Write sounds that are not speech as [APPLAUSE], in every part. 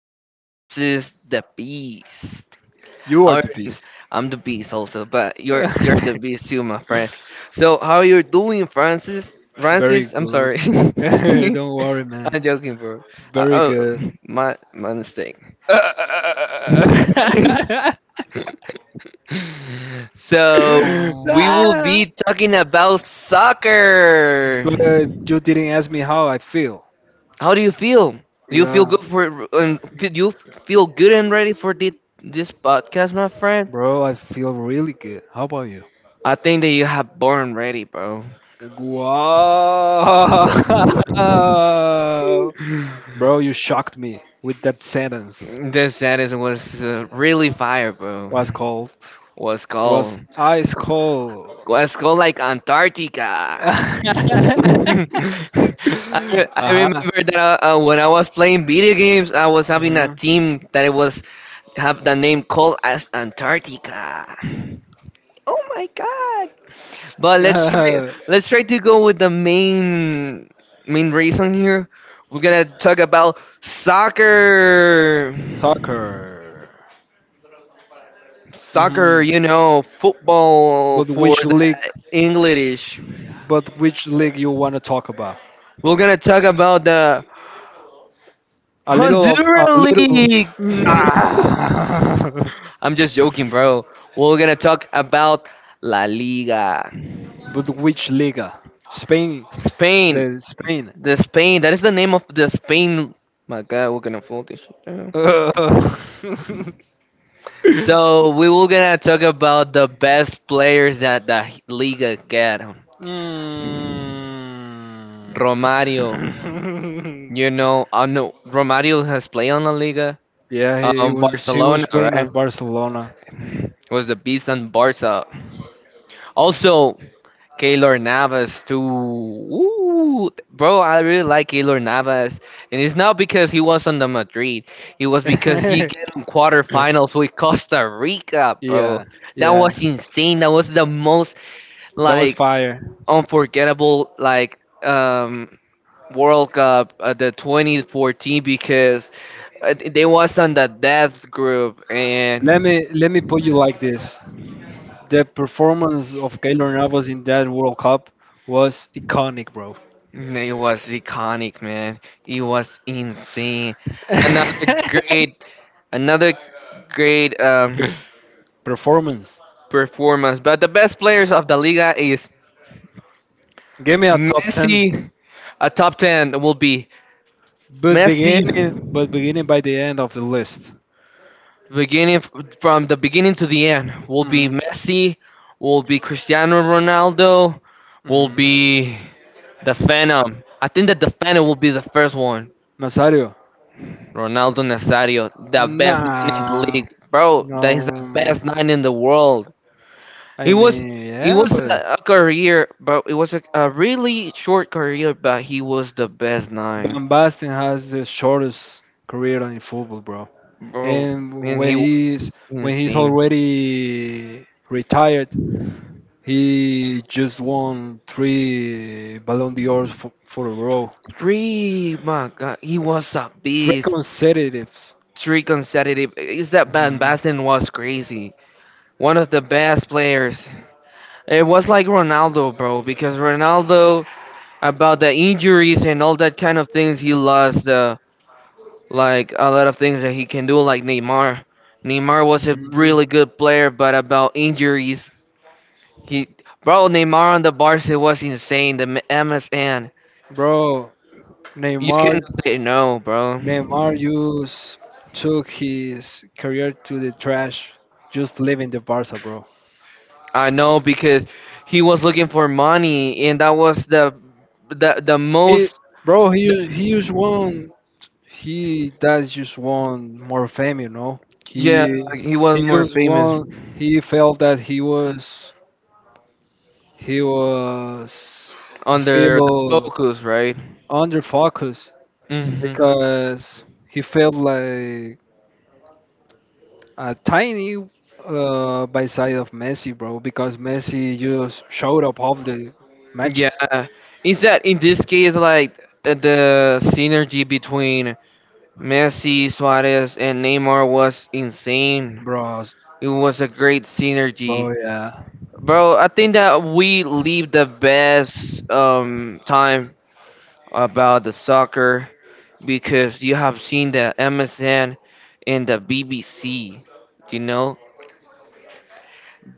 here Francis the Beast. You How are are the beast. I'm the Beast also, but you're the [LAUGHS] Beast too, my friend. So how are you doing, Francis? Very Francis, I'm good. sorry. [LAUGHS] [LAUGHS] Don't worry, man. I'm joking, bro. Uh, Very oh, good. my mistake. [LAUGHS] [LAUGHS] So we will Ah. be talking about soccer. But you didn't ask me how I feel. How do you feel? Do you feel good Yeah. for and do you feel good and ready for this podcast, my friend? Bro, I feel really good. How about you? I think that you have born ready, bro. Wow. [LAUGHS] Bro, you shocked me with that sentence. This status was really fire, bro. Was cold. Was Was cold. ice cold. Was cold like Antarctica. [LAUGHS] [LAUGHS] uh-huh. I remember that when I was playing video games, I was having a Mhm. team that it was have the name called as Antarctica. Oh my God! But let's try Yeah, let's try to go with the main reason here. We're gonna talk about soccer. [LAUGHS] soccer. Soccer, Mhm. you know, football But for which league? the English. But which league you want to talk about? We're gonna talk about the A little of a Honduran little. League. Nah. [LAUGHS] I'm just joking, bro. We're gonna talk about La Liga. [LAUGHS] but which liga? Spain. Spain. The Spain. The Spain. That is the name of the Spain. My God, we're gonna fold this shit. Uh, [LAUGHS] So we will gonna talk about the best players that the Liga get. Mm. Romario, you [LAUGHS] know, I know Romario has played on La Liga. yeah, he was he Barcelona, was playing right? at Barcelona. Was a beast on Barca. Also, Keylor Navas too. Ooh, bro, I really like Keylor Navas, and it's not because he was on the Madrid. It [LAUGHS] was because he came quarterfinals with Costa Rica, bro. yeah, That yeah, was insane. That was the most that was like fire. unforgettable like World Cup the 2014 because they was on the death group Let and me let me put you like this: the performance of Keylor Navas in that World Cup was iconic, bro. it was iconic, man. It was insane. another [LAUGHS] great another great Performance. performance. But the best players of the liga is Give me a top ten, Messi. A top 10 will be but Messi beginning by the end of the list. beginning from the beginning to the end, will be Mm. Messi, will be Cristiano Ronaldo, will Mm. be the Phantom. I think that the Phantom will be the first one. Nazario. Ronaldo Nazario, the best nine in the Nah. league, bro. No. That is the best nine in the world. I He was mean, It yeah, was but a career, but it was a really short career, but he was the best nine, Van Basten has the shortest career in football, bro. bro. And And when he was he's, insane. already retired, he just won three Ballon d'Ors for a row, Three, my God, he was a three beast. consecutives. Three consecutive. Is that Van Mhm. Basten was crazy. One of the best players. It was like Ronaldo, bro, because Ronaldo, about the injuries and all that kind of things, he lost the like a lot of things that he can do, like Neymar. Neymar was a Mhm. really good player, but about injuries, he bro, Neymar on the Barca was insane. The MSN. Bro, You Neymar, can say no, bro. Just took his career to the trash, just leaving the Barca, bro. I know because he was looking for money, and that was the the He, most. bro, he does just want more fame, you know. He Yeah, Yeah. he was he more just famous want He felt that he was I under the feel focus, right? under focus Hmm. because he felt like a tiny, by side of Messi, bro. Because Messi just showed up all the matches, Yeah, is that in this case like the synergy between Messi, Suarez, and Neymar was insane. bro. It was a great synergy, Bro, yeah, bro. I think that we leave the best time about the soccer because you have seen the MSN and the BBC, you know,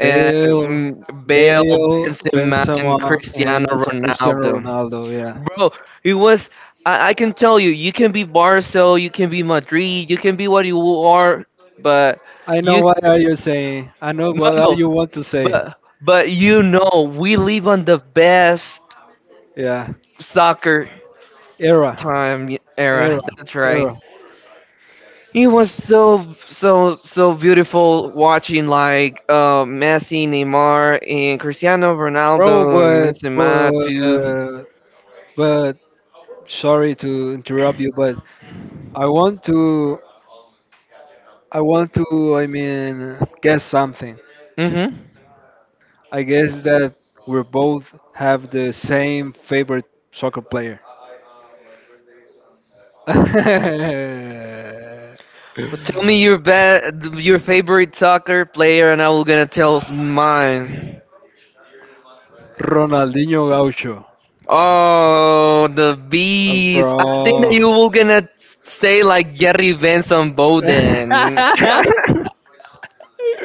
and Bale, Bale, Benzema, and Benzema, and Cristiano also Cristiano Ronaldo. Ronaldo, yeah. Bro, it was. I can tell you, you can be Barca, you can be Madrid, you can be what you are, but I know you what are you saying. I know no what are no, you want to say. but you know we live on the best Yeah, soccer era, time era, era. That's right. era, It was so beautiful watching like Messi, Neymar, and Cristiano bro. Ronaldo and But Benzema but too. uh, but sorry to interrupt you, but I want to I want to, I mean, guess something. Mm-hmm. I guess that we both have the same favorite soccer player. [LAUGHS] Well, tell me your bet, your favorite soccer player, and I will gonna tell mine. Ronaldinho Gaucho, Oh, the beast! I think that bro. you will gonna say like Gary Benson Bowden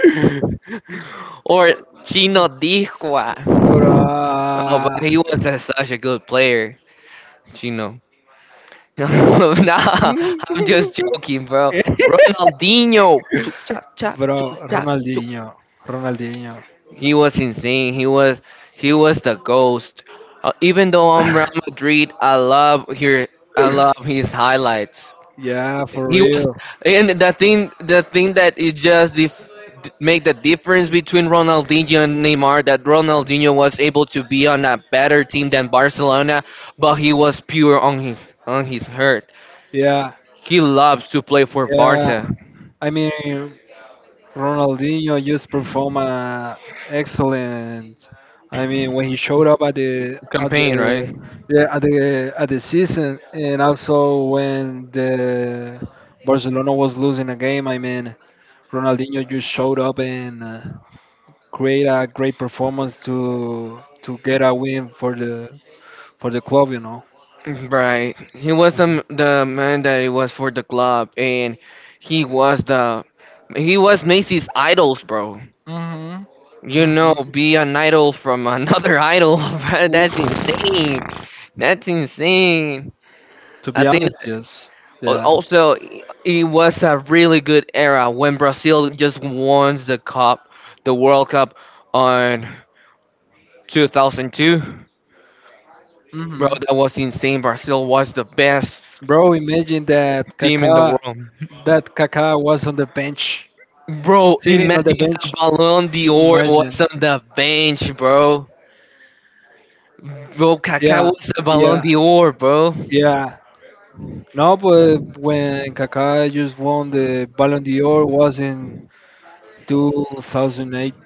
[LAUGHS] [LAUGHS] or Chino Dihua. Oh, but Bruh. [LAUGHS] he was such a good player, Chino. [LAUGHS] nah, I'm just joking, bro. Ronaldinho, chuk chak chak, chuk Bro, chak. Ronaldinho. Ronaldinho. He was insane. He was the ghost. Even though I'm Real Madrid, I love here. I love his highlights. Yeah, for He was, real. and the thing that it just make the difference between Ronaldinho and Neymar that Ronaldinho was able to be on a better team than Barcelona, but he was pure on his hurt. Yeah, He loves to play for yeah. Barca I mean, Ronaldinho just performed excellent. I mean, when he showed up at campaign, right? the yeah, at the season, and also when the Barcelona was losing a game. I mean, Ronaldinho just showed up and, create a great performance to get a win for the club. Right. He was the man that he was for the club, and he was the he was Macy's idols, bro. Mhm. You Mhm. know, be an idol from another [LAUGHS] idol. Bro, that's Oof. insane. That's insane. To I be think honest, yes. Yeah. also it was a really good era when Brazil just won the cup, the World Cup on 2002. Bro, Hmm. that was insane. Brazil was the best Bro, imagine that team in the Kaká, world. Was on the bench, Bro, sitting on the imagine a bench. Ballon d'Or Imagine. was on the bench, bro. Bro, Kaká Yeah, was a Ballon yeah, d'Or, bro. yeah. No, but when Kaká just won the Ballon d'Or was in 2008,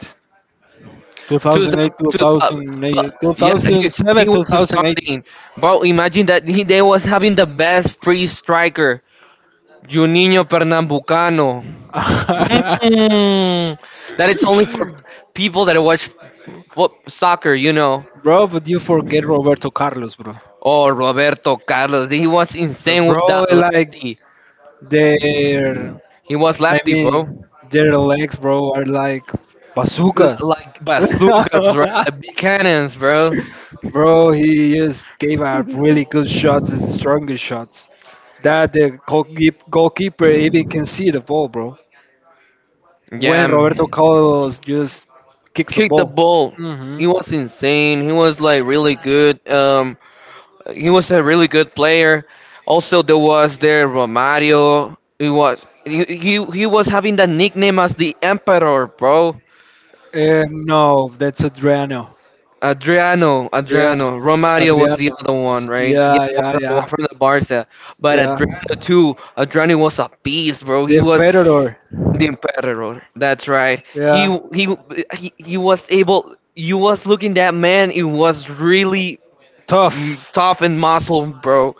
To the, 2008, to, 2008, but yeah, 2007, he was 2008. starting. Bro, imagine that they was having the best free striker, Juninho Pernambucano. [LAUGHS] Mm, that it's only for people that watch soccer, you know. bro, but you forget Roberto Carlos, bro. Oh, Roberto Carlos, he was insane with Bro, that like lefty. their, He was I lefty, bro. mean, their legs, bro, are like bazookas. Like bazookas, [LAUGHS] right? Like big cannons, bro. Bro, he just gave out really good shots, the strongest shots. That the goalkeeper even can see the ball, bro. Yeah, When Roberto Carlos just kicks the kicked the ball. ball. Hmm. He was insane. He was like really good. He was a really good player. Also, there was there Romario. He was having the nickname as the Emperor, bro. No, that's Adriano. Adriano, Yeah, Adriano. Romario was the Adriano. other one, right? Yeah, yeah, yeah, Someone from the Barca. But yeah. Adriano too. Adriano was a beast, bro. The He was Federer. the emperor. That's right. Yeah. He was able. You was looking that man. It was really Tough. Tough and muscle, bro.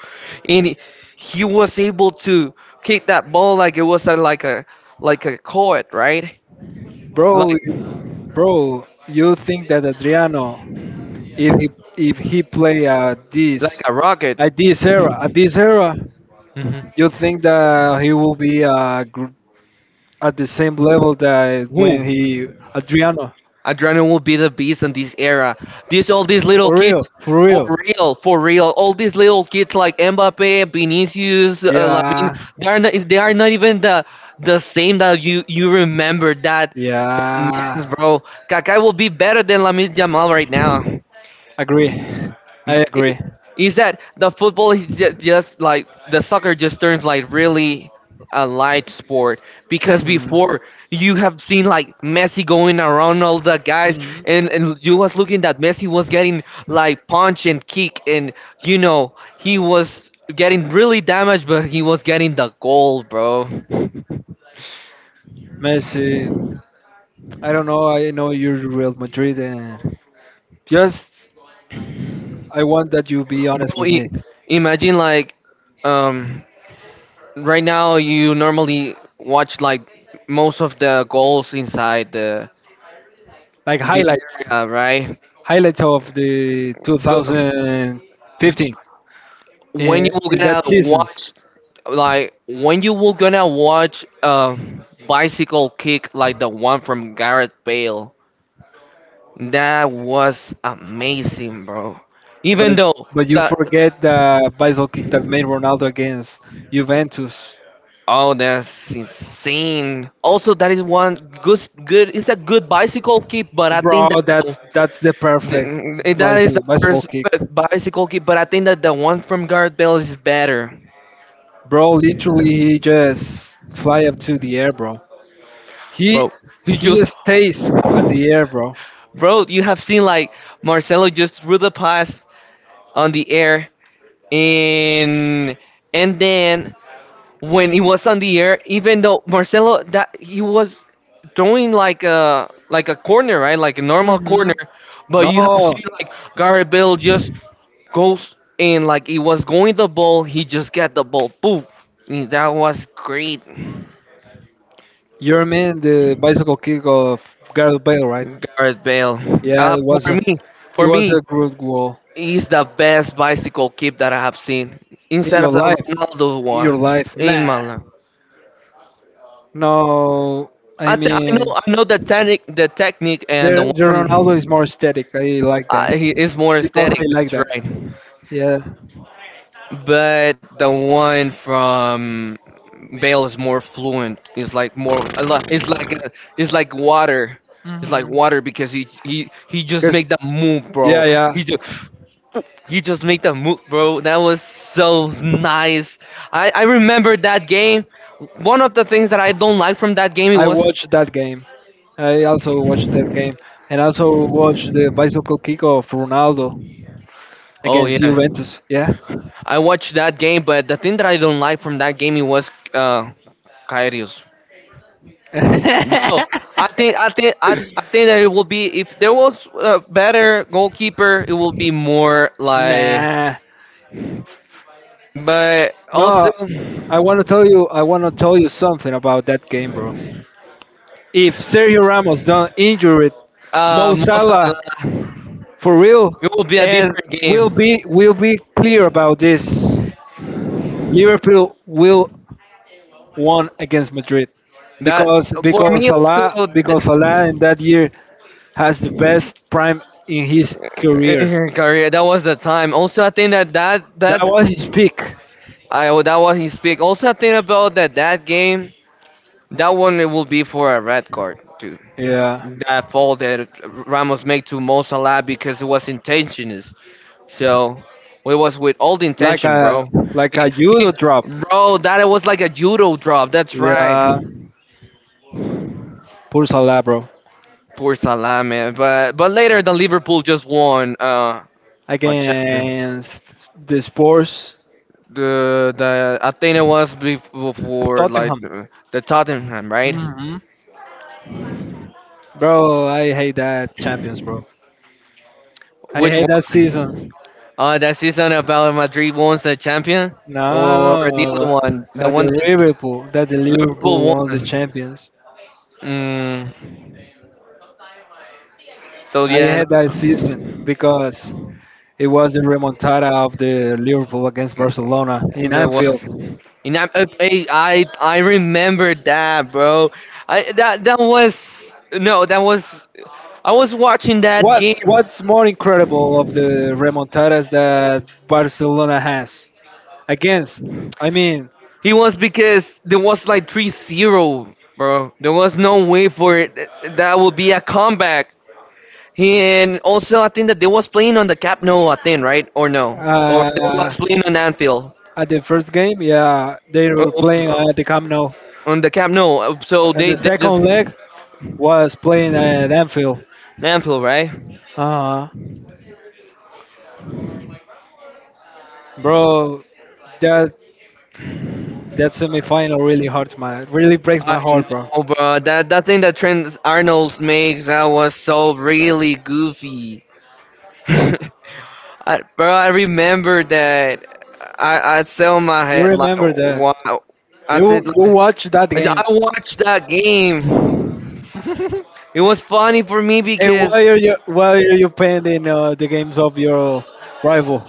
And he was able to kick that ball like it was like a court, right? Bro, Like bro, you think that Adriano, if he play like a rocket. At this era, Hmm. you think that he will be, at the same level that Who? when he? Adriano? Adriano will be the beast in this era. These all these little For real, kids. for For real. For real, all these little kids like Mbappe, Vinicius, Lamine, Yeah, they are not, is- they are not even the same that you remember that, yeah. Mess, bro. Kaká will be better than Lamine Jamal right now Agree. I agree. it, is that the football is just like the soccer just turns like really a light sport because Mhm. before you have seen like Messi going around all the guys Mhm. And you was looking that Messi was getting like punch and kick, and you know he was getting really damaged, but he was getting the goal, bro. [LAUGHS] Bro, Messi, I don't know. I know you're Real Madrid, and just I want that you be honest with i- me. imagine like um right now you normally watch like most of the goals inside the. Like All right, highlights of the but 2015. in, when you were in gonna that seasons. watch, like when you were gonna watch bicycle kick like the one from Gareth Bale, that was amazing, bro. Even But though but you that, forget the bicycle kick that made Ronaldo against Juventus, oh, that's insane. Also, that is one good. It's a good bicycle kick, but I think that bro. That's the perfect that is the bicycle first kick, bicycle kick. But I think that the one from Gareth Bale is better, bro. Literally, he just fly up to the air, bro. He bro. He he just stays at the air, bro. bro, you have seen like Marcelo just threw the pass on the air, and and then when he was on the air, even though Marcelo that he was throwing like a corner, right, like a normal Hmm. corner, but No, you have seen like Garrett Bell just goes and like it was going the ball, he just got the ball, boom. And that was great, you mean the bicycle kick of Gareth Bale, right? Garrett Bale. Yeah, Uh, it was for a me, it for was a me. good goal It's the best bicycle kit that I have seen, in instead of your the life, Ronaldo in your one life. in Nah, my life. no. I I know mean, the technique, and the the one the from Ronaldo is more aesthetic. I like that he is more because I aesthetic. like That's that. right, Yeah. but the one from Bale is more fluent. It's like it's like it's like water. It's like Hmm. water because he just Cause make that move, yeah, bro. yeah. He just You just make the move, bro. That was so nice. I remember that game. One of the things that I don't like from that game it I was watched that game. I also watched that game, and also watched the bicycle kick of Ronaldo oh against yeah. Juventus. Yeah. I watched that game, but the thing that I don't like from that game it was Karius. [LAUGHS] Bro, I think that it will be if there was a better goalkeeper, it will be more like nah. but also No, I want to tell you. I want to tell you something about that game, bro. If Sergio Ramos don't injured Mo Mo Salah, Salah, for real. it will be a And different we'll game. be we'll be clear about this. Liverpool will won against Madrid That because for because me Salah also because Salah in that year has the best prime in his career. [LAUGHS] career, that was the time. Also, I think that that That that was his peak. I well, that was his pick. Also, I think about that game. That one it will be for a red card too. Yeah. That foul that Ramos made to Mo Salah because it was intentional. So it was with all the Like intention, a, bro. He- judo drop. Bro, that was like a judo drop. That's right. Yeah, pulsa labro, Poor Salah, man. But later, the Liverpool just won a champion. against the Spurs. The Athena was before like Tottenham. The Tottenham, right? Hmm. Bro, I hate that Champions, bro. I Which hate that season. one? That season about Madrid won the champion, or the other No, one, the that one the Liverpool, that Liverpool won the won. Champions. Mm, so I yeah, hate that season because it was the remontada of the Liverpool against Barcelona no, in there Anfield. was. And I remember that, bro. I that that was no, that was I was watching that game What's more incredible of the remontadas that Barcelona has against? I mean, He was, because there was like 3-0, bro. There was no way for it. That would be a comeback. And also, I think that they was playing on the Cap No, I think, right? Or no? Or they uh, was playing on Anfield. at the first game, yeah, they Uh, were playing uh, at the Camp Nou, On the Cap No. So and they, the they second just... leg was playing at Anfield. Anfield, right? Uh huh. Bro, that that semifinal really hurts my, really breaks I my heart, bro. know, bro. That thing that Trent Arnold makes, that was so really goofy. [LAUGHS] I, bro, I remember that I sell my You head like remember that? wow. I did. You Like, watch that game. I watched that game. [LAUGHS] It was funny for me And because why are you pending, the games of your rival?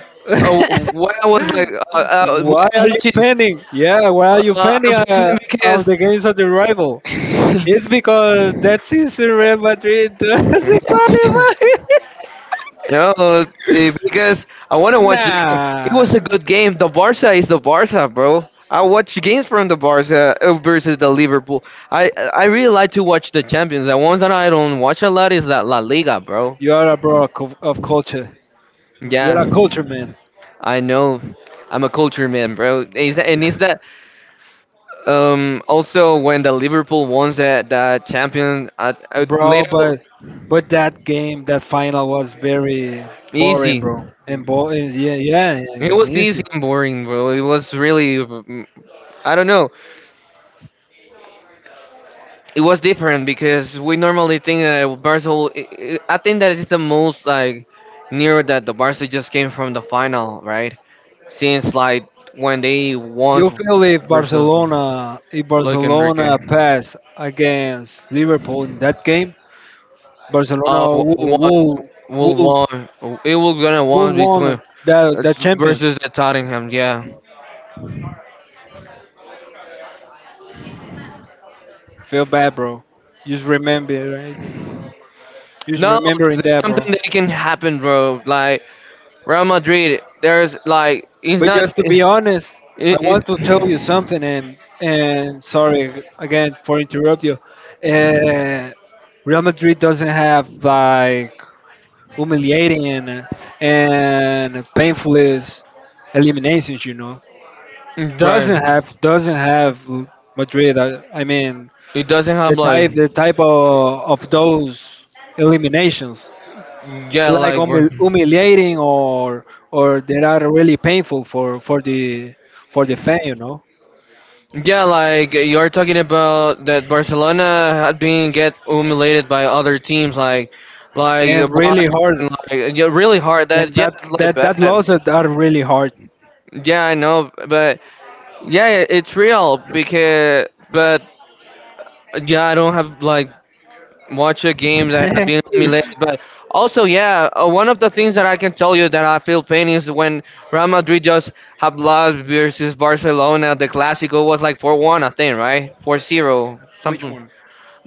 [LAUGHS] when why I'm are you watching, pending? Yeah, why are you pending, I'm playing of the games of the rival? because It's because that season Real Madrid doesn't qualify. [LAUGHS] No, because I want to [LAUGHS] watch the game. It nah, was a good game. The Barca is the Barca, bro. I watch games from the Barca versus the Liverpool. I really like to watch the Champions. The ones that I don't watch a lot is that La Liga, bro. you are a bro of, culture. You Yeah, are a culture man, I know. I'm a culture man, bro. Is that, and is that also when the Liverpool won that champion at bro. later But that game, that final was very boring, easy. bro. And, yeah, yeah, yeah, It and was easy easy. and boring, bro. It was really I don't know. It was different because we normally think that Barca. Think that it's the most like near that the Barca just came from the final, right? Since like when they won You feel if versus Barcelona, Luis Enrique, pass against Liverpool in that game, uh, Barcelona one will will won. It will gonna will won between won the it's champion. versus the Tottenham. Yeah. Feel bad, bro. Just remember, right? Just No, remembering there's that, bro. something that can happen, bro. Like Real Madrid, there's like it's But not. just to be honest, I it, want to tell you it's, [SIGHS] something, and, sorry again for interrupt you. Uh, Real Madrid doesn't have like humiliating and, painful is eliminations. [CLEARS THROAT] right. Doesn't have Madrid. I mean It doesn't have the type, like of, those eliminations, yeah, like like bro. Humiliating or, that are really painful for, the fan, Yeah, like you're talking about that Barcelona had been get humiliated by other teams, like and really hard. Bayern, like yeah, really hard. And That yeah, it's like bad. that losses are really hard. Yeah, I know, but yeah, it- it's real because but yeah, I don't have like watch a game that had been humiliated, [LAUGHS] but also yeah, one of the things that I can tell you that I feel pain is when Real Madrid just have lost versus Barcelona. The Clásico was like 4-1, I think, right? 4-0, Which something. one?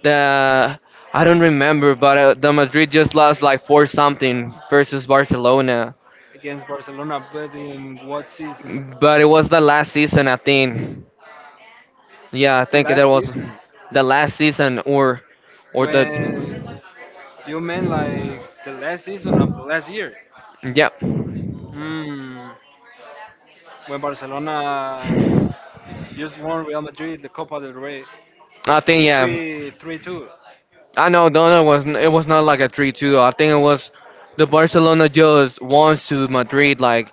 The I don't remember, but the Madrid just lost like four something versus Barcelona. Against Barcelona, but in what season? But it was the last season, I think. Yeah, I The think that last was season. the last season, or the When you meant like the last season of the last year. yeah. Mm, when Barcelona just won Real Madrid the Copa del Rey I think yeah. 3-3-2. 3-2. I know Donna was it was not like a 3-2. I think it was the Barcelona just won to Madrid like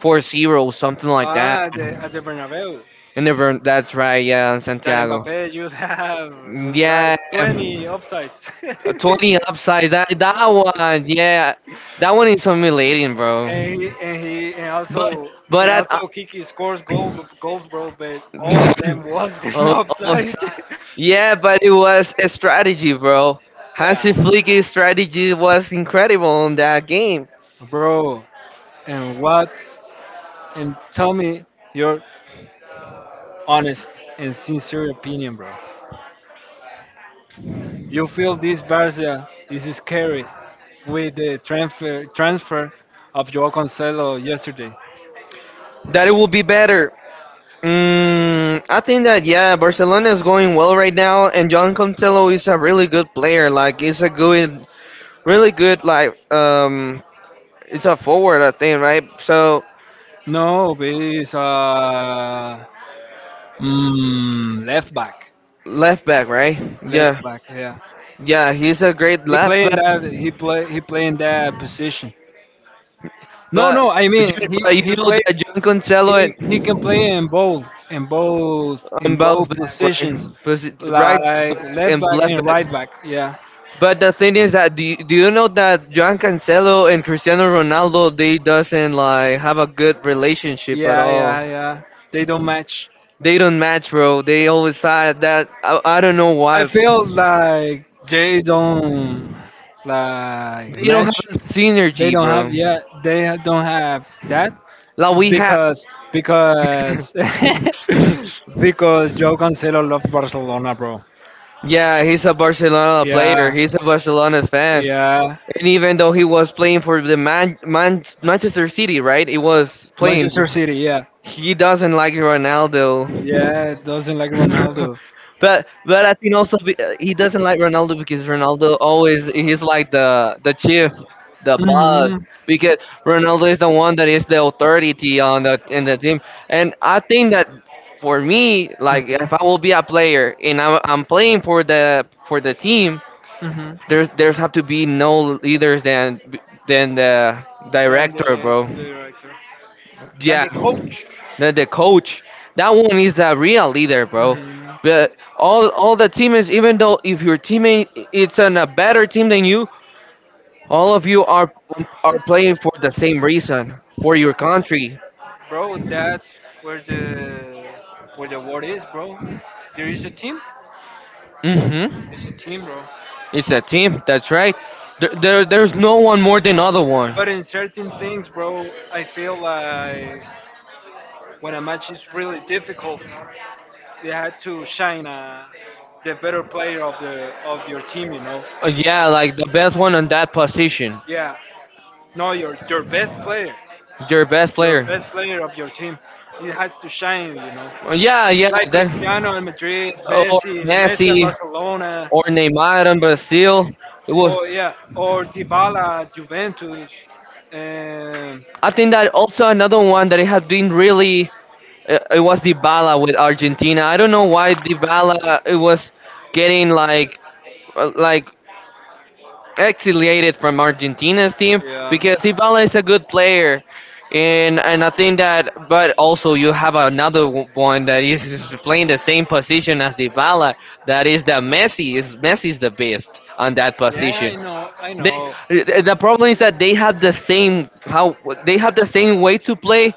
4-0 0 something like that. Ah, at the Bernabeu. And never that's right, yeah, That Santiago. Mbappe you [LAUGHS] have like Yeah, 20 yeah. offsides. [LAUGHS] Tony Upside, that one, yeah, that one is humiliating, bro. and he, and But also, but at Kiki scores goals, bro. But all of them was [LAUGHS] in oh, oh, offside. so- yeah, but it was a strategy, bro. [LAUGHS] Hansi yeah, Flick's strategy was incredible in that game. bro. And what? And tell me your honest and sincere opinion, bro. You feel this Barca is scary with the transfer of Joao Cancelo yesterday. That it will be better. I think that yeah, Barcelona is going well right now, and John Cancelo is a really good player. Like, he's a good, really good like it's a forward, I think, right? So No, but he's a, left back. left back, right? Yeah, Left back. Yeah, yeah, he's a great he left playing back. that. He play. He playing that position. No, But no. I mean, he but you he know play. that John Cancelo He can play and in both both back, right? positions, Right like back left and back left and right back. back. Yeah, But the thing is that do you know that John Cancelo and Cristiano Ronaldo they doesn't like have a good relationship at yeah, all. yeah, yeah. They don't match. They don't match, bro. They always side that I don't know I why. feel like they don't like They don't have match. a They synergy, don't bro. have, yeah. They, don't have that Like we have. because, because [LAUGHS] [LAUGHS] because Joe Cancelo loves Barcelona, bro. Yeah, he's a Barcelona player. Yeah, He's a Barcelona's fan. yeah. And even though he was playing for the Manchester City, right? He was playing. Manchester City, yeah, He doesn't like Ronaldo. yeah. Doesn't like [LAUGHS] Ronaldo. But I think also he doesn't like Ronaldo because Ronaldo always he's like the chief, the boss. Mhm. Because Ronaldo is the one that is the authority on the team, and I think that for me, like Mhm. if I will be a player and I'm playing for the team, Mhm. there's have to be no leaders than the Than director, bro. the director. Than Yeah, the coach. The coach, that one is a real leader, bro. But all the teammates, even though if your teammate it's on a better team than you, all of you are playing for the same Mhm. reason, for your country. Bro, that's where the war is, bro. There is a team. It's Mm-hmm. a team, bro. It's a team. That's right. There's no one more than other one. But in certain things, bro, I feel like when a match is really difficult, you had to shine, the better player of the of your team. Yeah, like the best one on that position, Yeah. No, your best your player. best player of your team. It has to shine. Yeah, yeah. Like Then, Cristiano in Madrid, oh, Messi at Messi Barcelona. or Neymar in Brazil. It was Or yeah, or Dybala, Juventus, and I think that also another one that it has been really it was Dybala with Argentina. I don't know why Dybala it was getting like uh, like exiliated from Argentina's team yeah. because Dybala is a good player, and I think that. But also you have another one that is playing the same position as Dybala. That is that Messi is the best on that Yeah, I position. know, I They, know. The problem is that they have the same how they have the same way to play,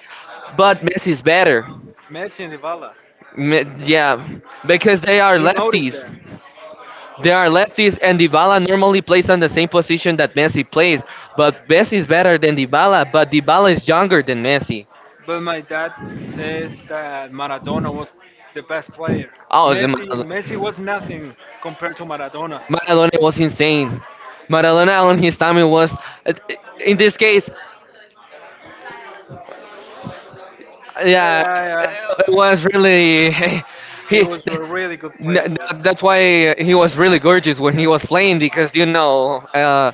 but Messi is better. Messi and Dybala. Yeah, because they are You notice lefties. that. There are lefties, and Dybala normally plays on the same position that Messi plays. But Messi is better than Dybala, but Dybala is younger than Messi. But my dad says that Maradona was the best player. Oh, the Messi Mar- was nothing compared to Maradona. Maradona was insane. Maradona on his time it was, in this case, Yeah, yeah, it yeah. was really [LAUGHS] He he. was a really good player, bro. That's why he was really gorgeous when he was playing because you know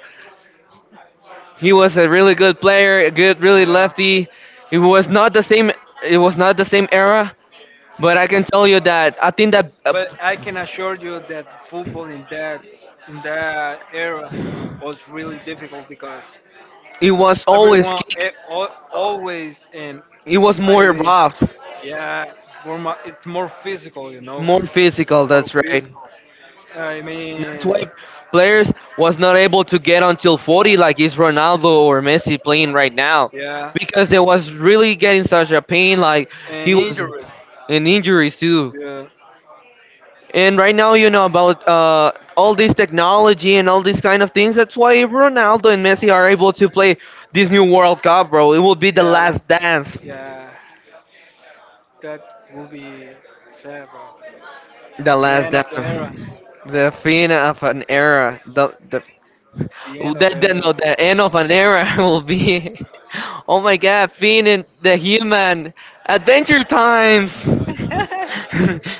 he was a really good player, a good, really Yeah. lefty. It was not the same. It was not the same era, but I can tell you that I think that But I can assure you that football in that, era was really difficult because it was always everyone, kick. eh, al always, and It was I more mean, rough, yeah, it's more physical, more physical. more That's right. physical. I That's mean, why players was not able to get until 40, like is Ronaldo or Messi playing right now, yeah, because they was really getting such a pain. Like he and was injured, in injuries too. yeah, And right now, you know about all this technology and all these kind of things. That's why Ronaldo and Messi are able to play this new World Cup, bro. It will be the yeah, last dance. yeah. That will be sad, bro. The The last end dance. of the era. The fin of an era. The end of The, no, the The end of an era [LAUGHS] will be. Oh my God! Finn and the Human Adventure Times. [LAUGHS]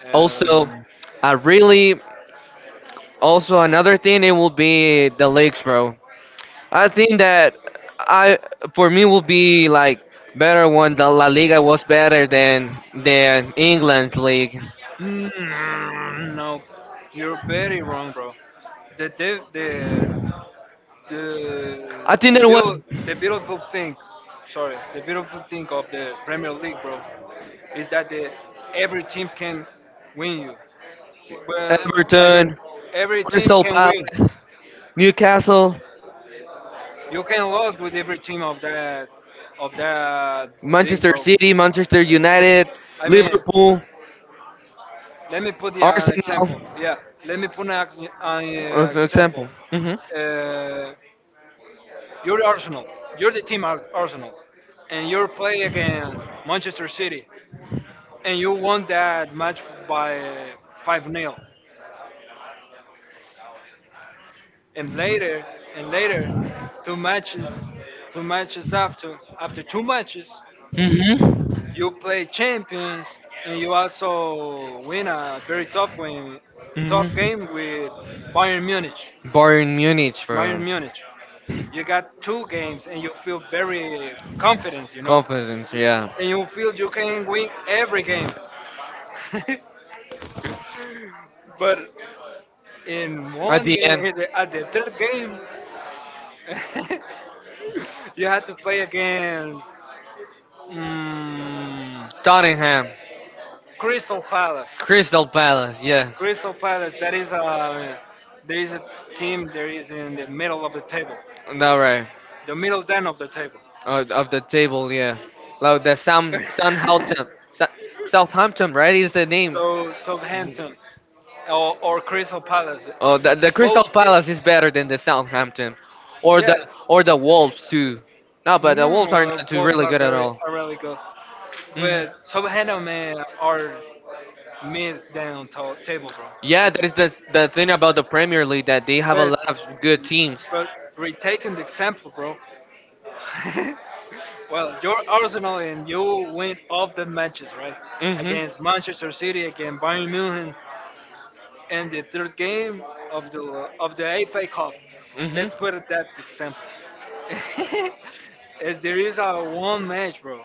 era. Also, I really. Also, another thing it will be the leagues, bro. I think that I for me will be like better when the La Liga was better than England's league. Mm, no, you're very wrong, bro. The the, I I think, think the that there was was beautiful, the beautiful thing, sorry, the beautiful thing of the Premier League, bro, is that the every team can win you. Well, every I time mean, Everton, every team Crystal can win. Palace, Newcastle, You can lose with every team of that, of that league, Manchester bro. City, Manchester United, I mean. Liverpool, Let me put you an Arsenal, example. Yeah, let me put an, as an example. example. Hmm. Uh, you're Arsenal. You're the team, Arsenal, and you play against Manchester City, and you won that match by, five nil. And later, and later, two matches, after two matches, Mm-hmm. you play Champions, and you also win a very tough win, tough Hmm. game with Bayern Munich. Bayern Munich, Bayern bro. Munich. You got two games and you feel very confident, Confidence, yeah. and you feel you can win every game. But in At one the game, end, in at the third game, [LAUGHS] you had to play against, mm, Tottenham, Crystal Palace. Crystal Palace, yeah. Crystal Palace, that is a There is a team that is in the middle of the table, That right. the middle down of the table. Of the table, yeah. Like the [LAUGHS] Southampton, Southampton, right? Is the name. so Southampton, or, Crystal Palace, Oh, the Crystal both. Palace is better than the Southampton, or the Yeah, or the Wolves too. No, but the Wolves are not too both really are good at very all. are really good. Hmm. But Southampton, are mid down table, bro. Yeah, that is the thing about the Premier League that they have a But lot of good teams. but retaking the example, bro. [LAUGHS] well, you're Arsenal and you win off the matches, right? Mhm. Against Manchester City, against Bayern Munich, and the third game of the FA Cup. Mhm. Let's put it that example. [LAUGHS] As there is a one match, bro.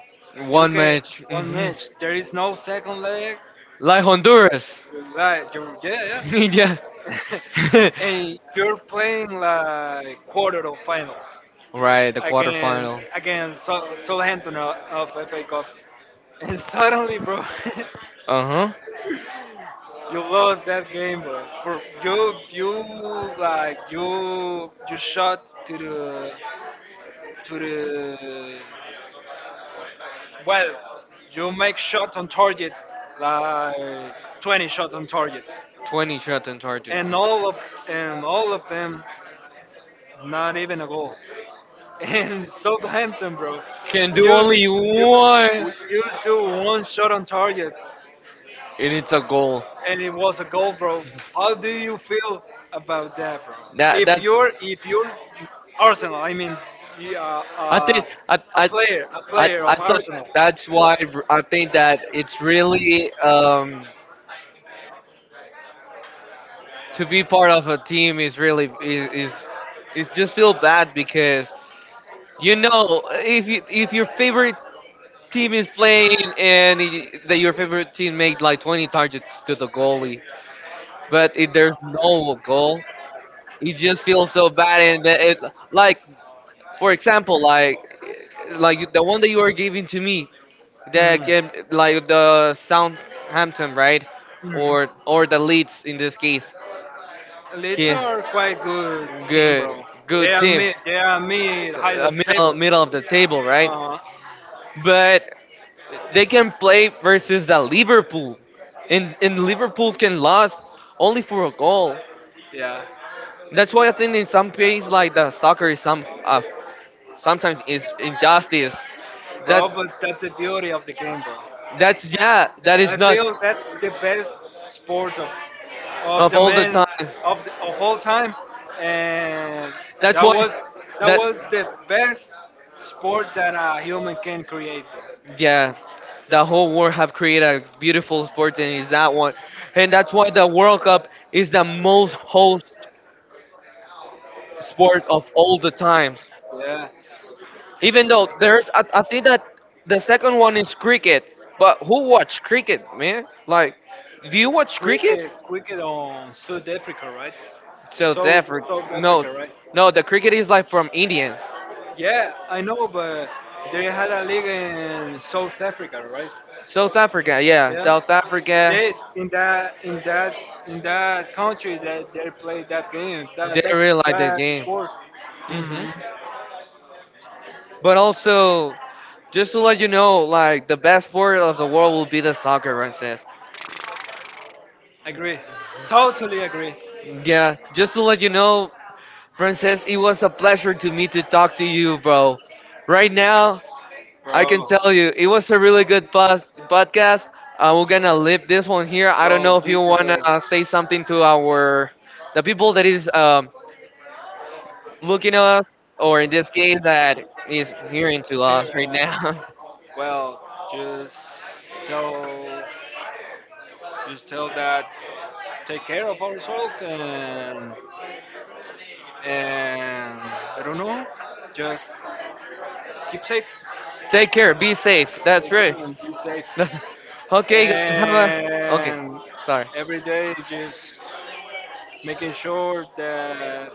You One get match. one Mhm. match. There is no second leg. Like Honduras. Like you're, yeah, [LAUGHS] Yeah. yeah. [LAUGHS] [LAUGHS] and you're playing like quarter of finals Right, the against, quarterfinal. Southampton of, FA Cup, and suddenly, bro, Uh huh. [LAUGHS] you lost that game, bro. For you, you like you shot to the, to the well, you make shots on target like 20 shots on target, 20 shots on target. and all of, them. Not even a goal. [LAUGHS] And Southampton, bro, Can do used only one, used to one shot on target, and it's a goal. and it was a goal, bro. How do you feel about that, bro? That If that you're if you're Arsenal, I mean, you, I think a player, I of thought Arsenal. that's why I think that it's really to be part of a team is really is just feel bad because you know if if your favorite team is playing and that your favorite team made like 20 targets to the goalie, but if there's no goal, you just feel so bad and that it like For example, like the one that you are giving to me, the Mhm. game, like the Southampton, right? Mhm. Or the Leeds in this case. Leeds Okay, are quite good team, good, bro. They good are team, mid. They are mid, high of the middle table. middle of the table, right? Huh. But they can play versus the Liverpool, and Liverpool can lose only for a goal. Yeah. That's why I think in some ways, like the soccer is some sometimes is injustice. That Bro, but that's the beauty of the game, bro. That's yeah. That I is not feel that's the best sport of, of the all the men time. of of all time, and That's that why. was, That the best sport that a human can create, yeah. The whole world have created a beautiful sport and is that one, and that's why the World Cup is the most host sport of all the times. bro. Yeah, Even though there's, I think that the second one is cricket. But who watch cricket, man? Like, do you watch cricket? Cricket on South Africa, right? South Africa. South No, Africa, right? no. The cricket is like from Indians. Yeah, I know, but they had a league in South Africa, right? South Africa. Yeah, Yeah, South Africa. they in that, country that they play that game, They really like the that game. sport. Hmm. Hmm. But also, just to let you know, like the best sport of the world will be the soccer, Frances. Agree, totally agree. Yeah, just to let you know, Frances, it was a pleasure to me to talk to you, bro. Right now, I can tell you, it was a really good podcast. We're gonna leave this one here. I don't Bro, know if you this. wanna say something to our the people that is looking at us, or in this case, that is hearing to us right now. Well, just tell, that take care of ourselves and, I don't know, just keep safe, [LAUGHS] Take care, be safe. take That's right. care and be safe. That's- okay, guys, have a. Okay, And sorry. every day just making sure that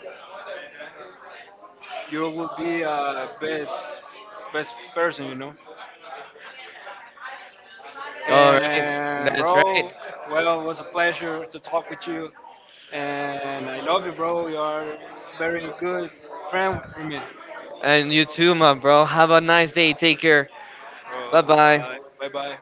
you will be a best person. All right, And that's bro, right. well, it was a pleasure to talk with you, and I love you, bro. You are very good friend for me. And you too, my bro. Have a nice day. Take care. Bye bye. Bro, bye bye.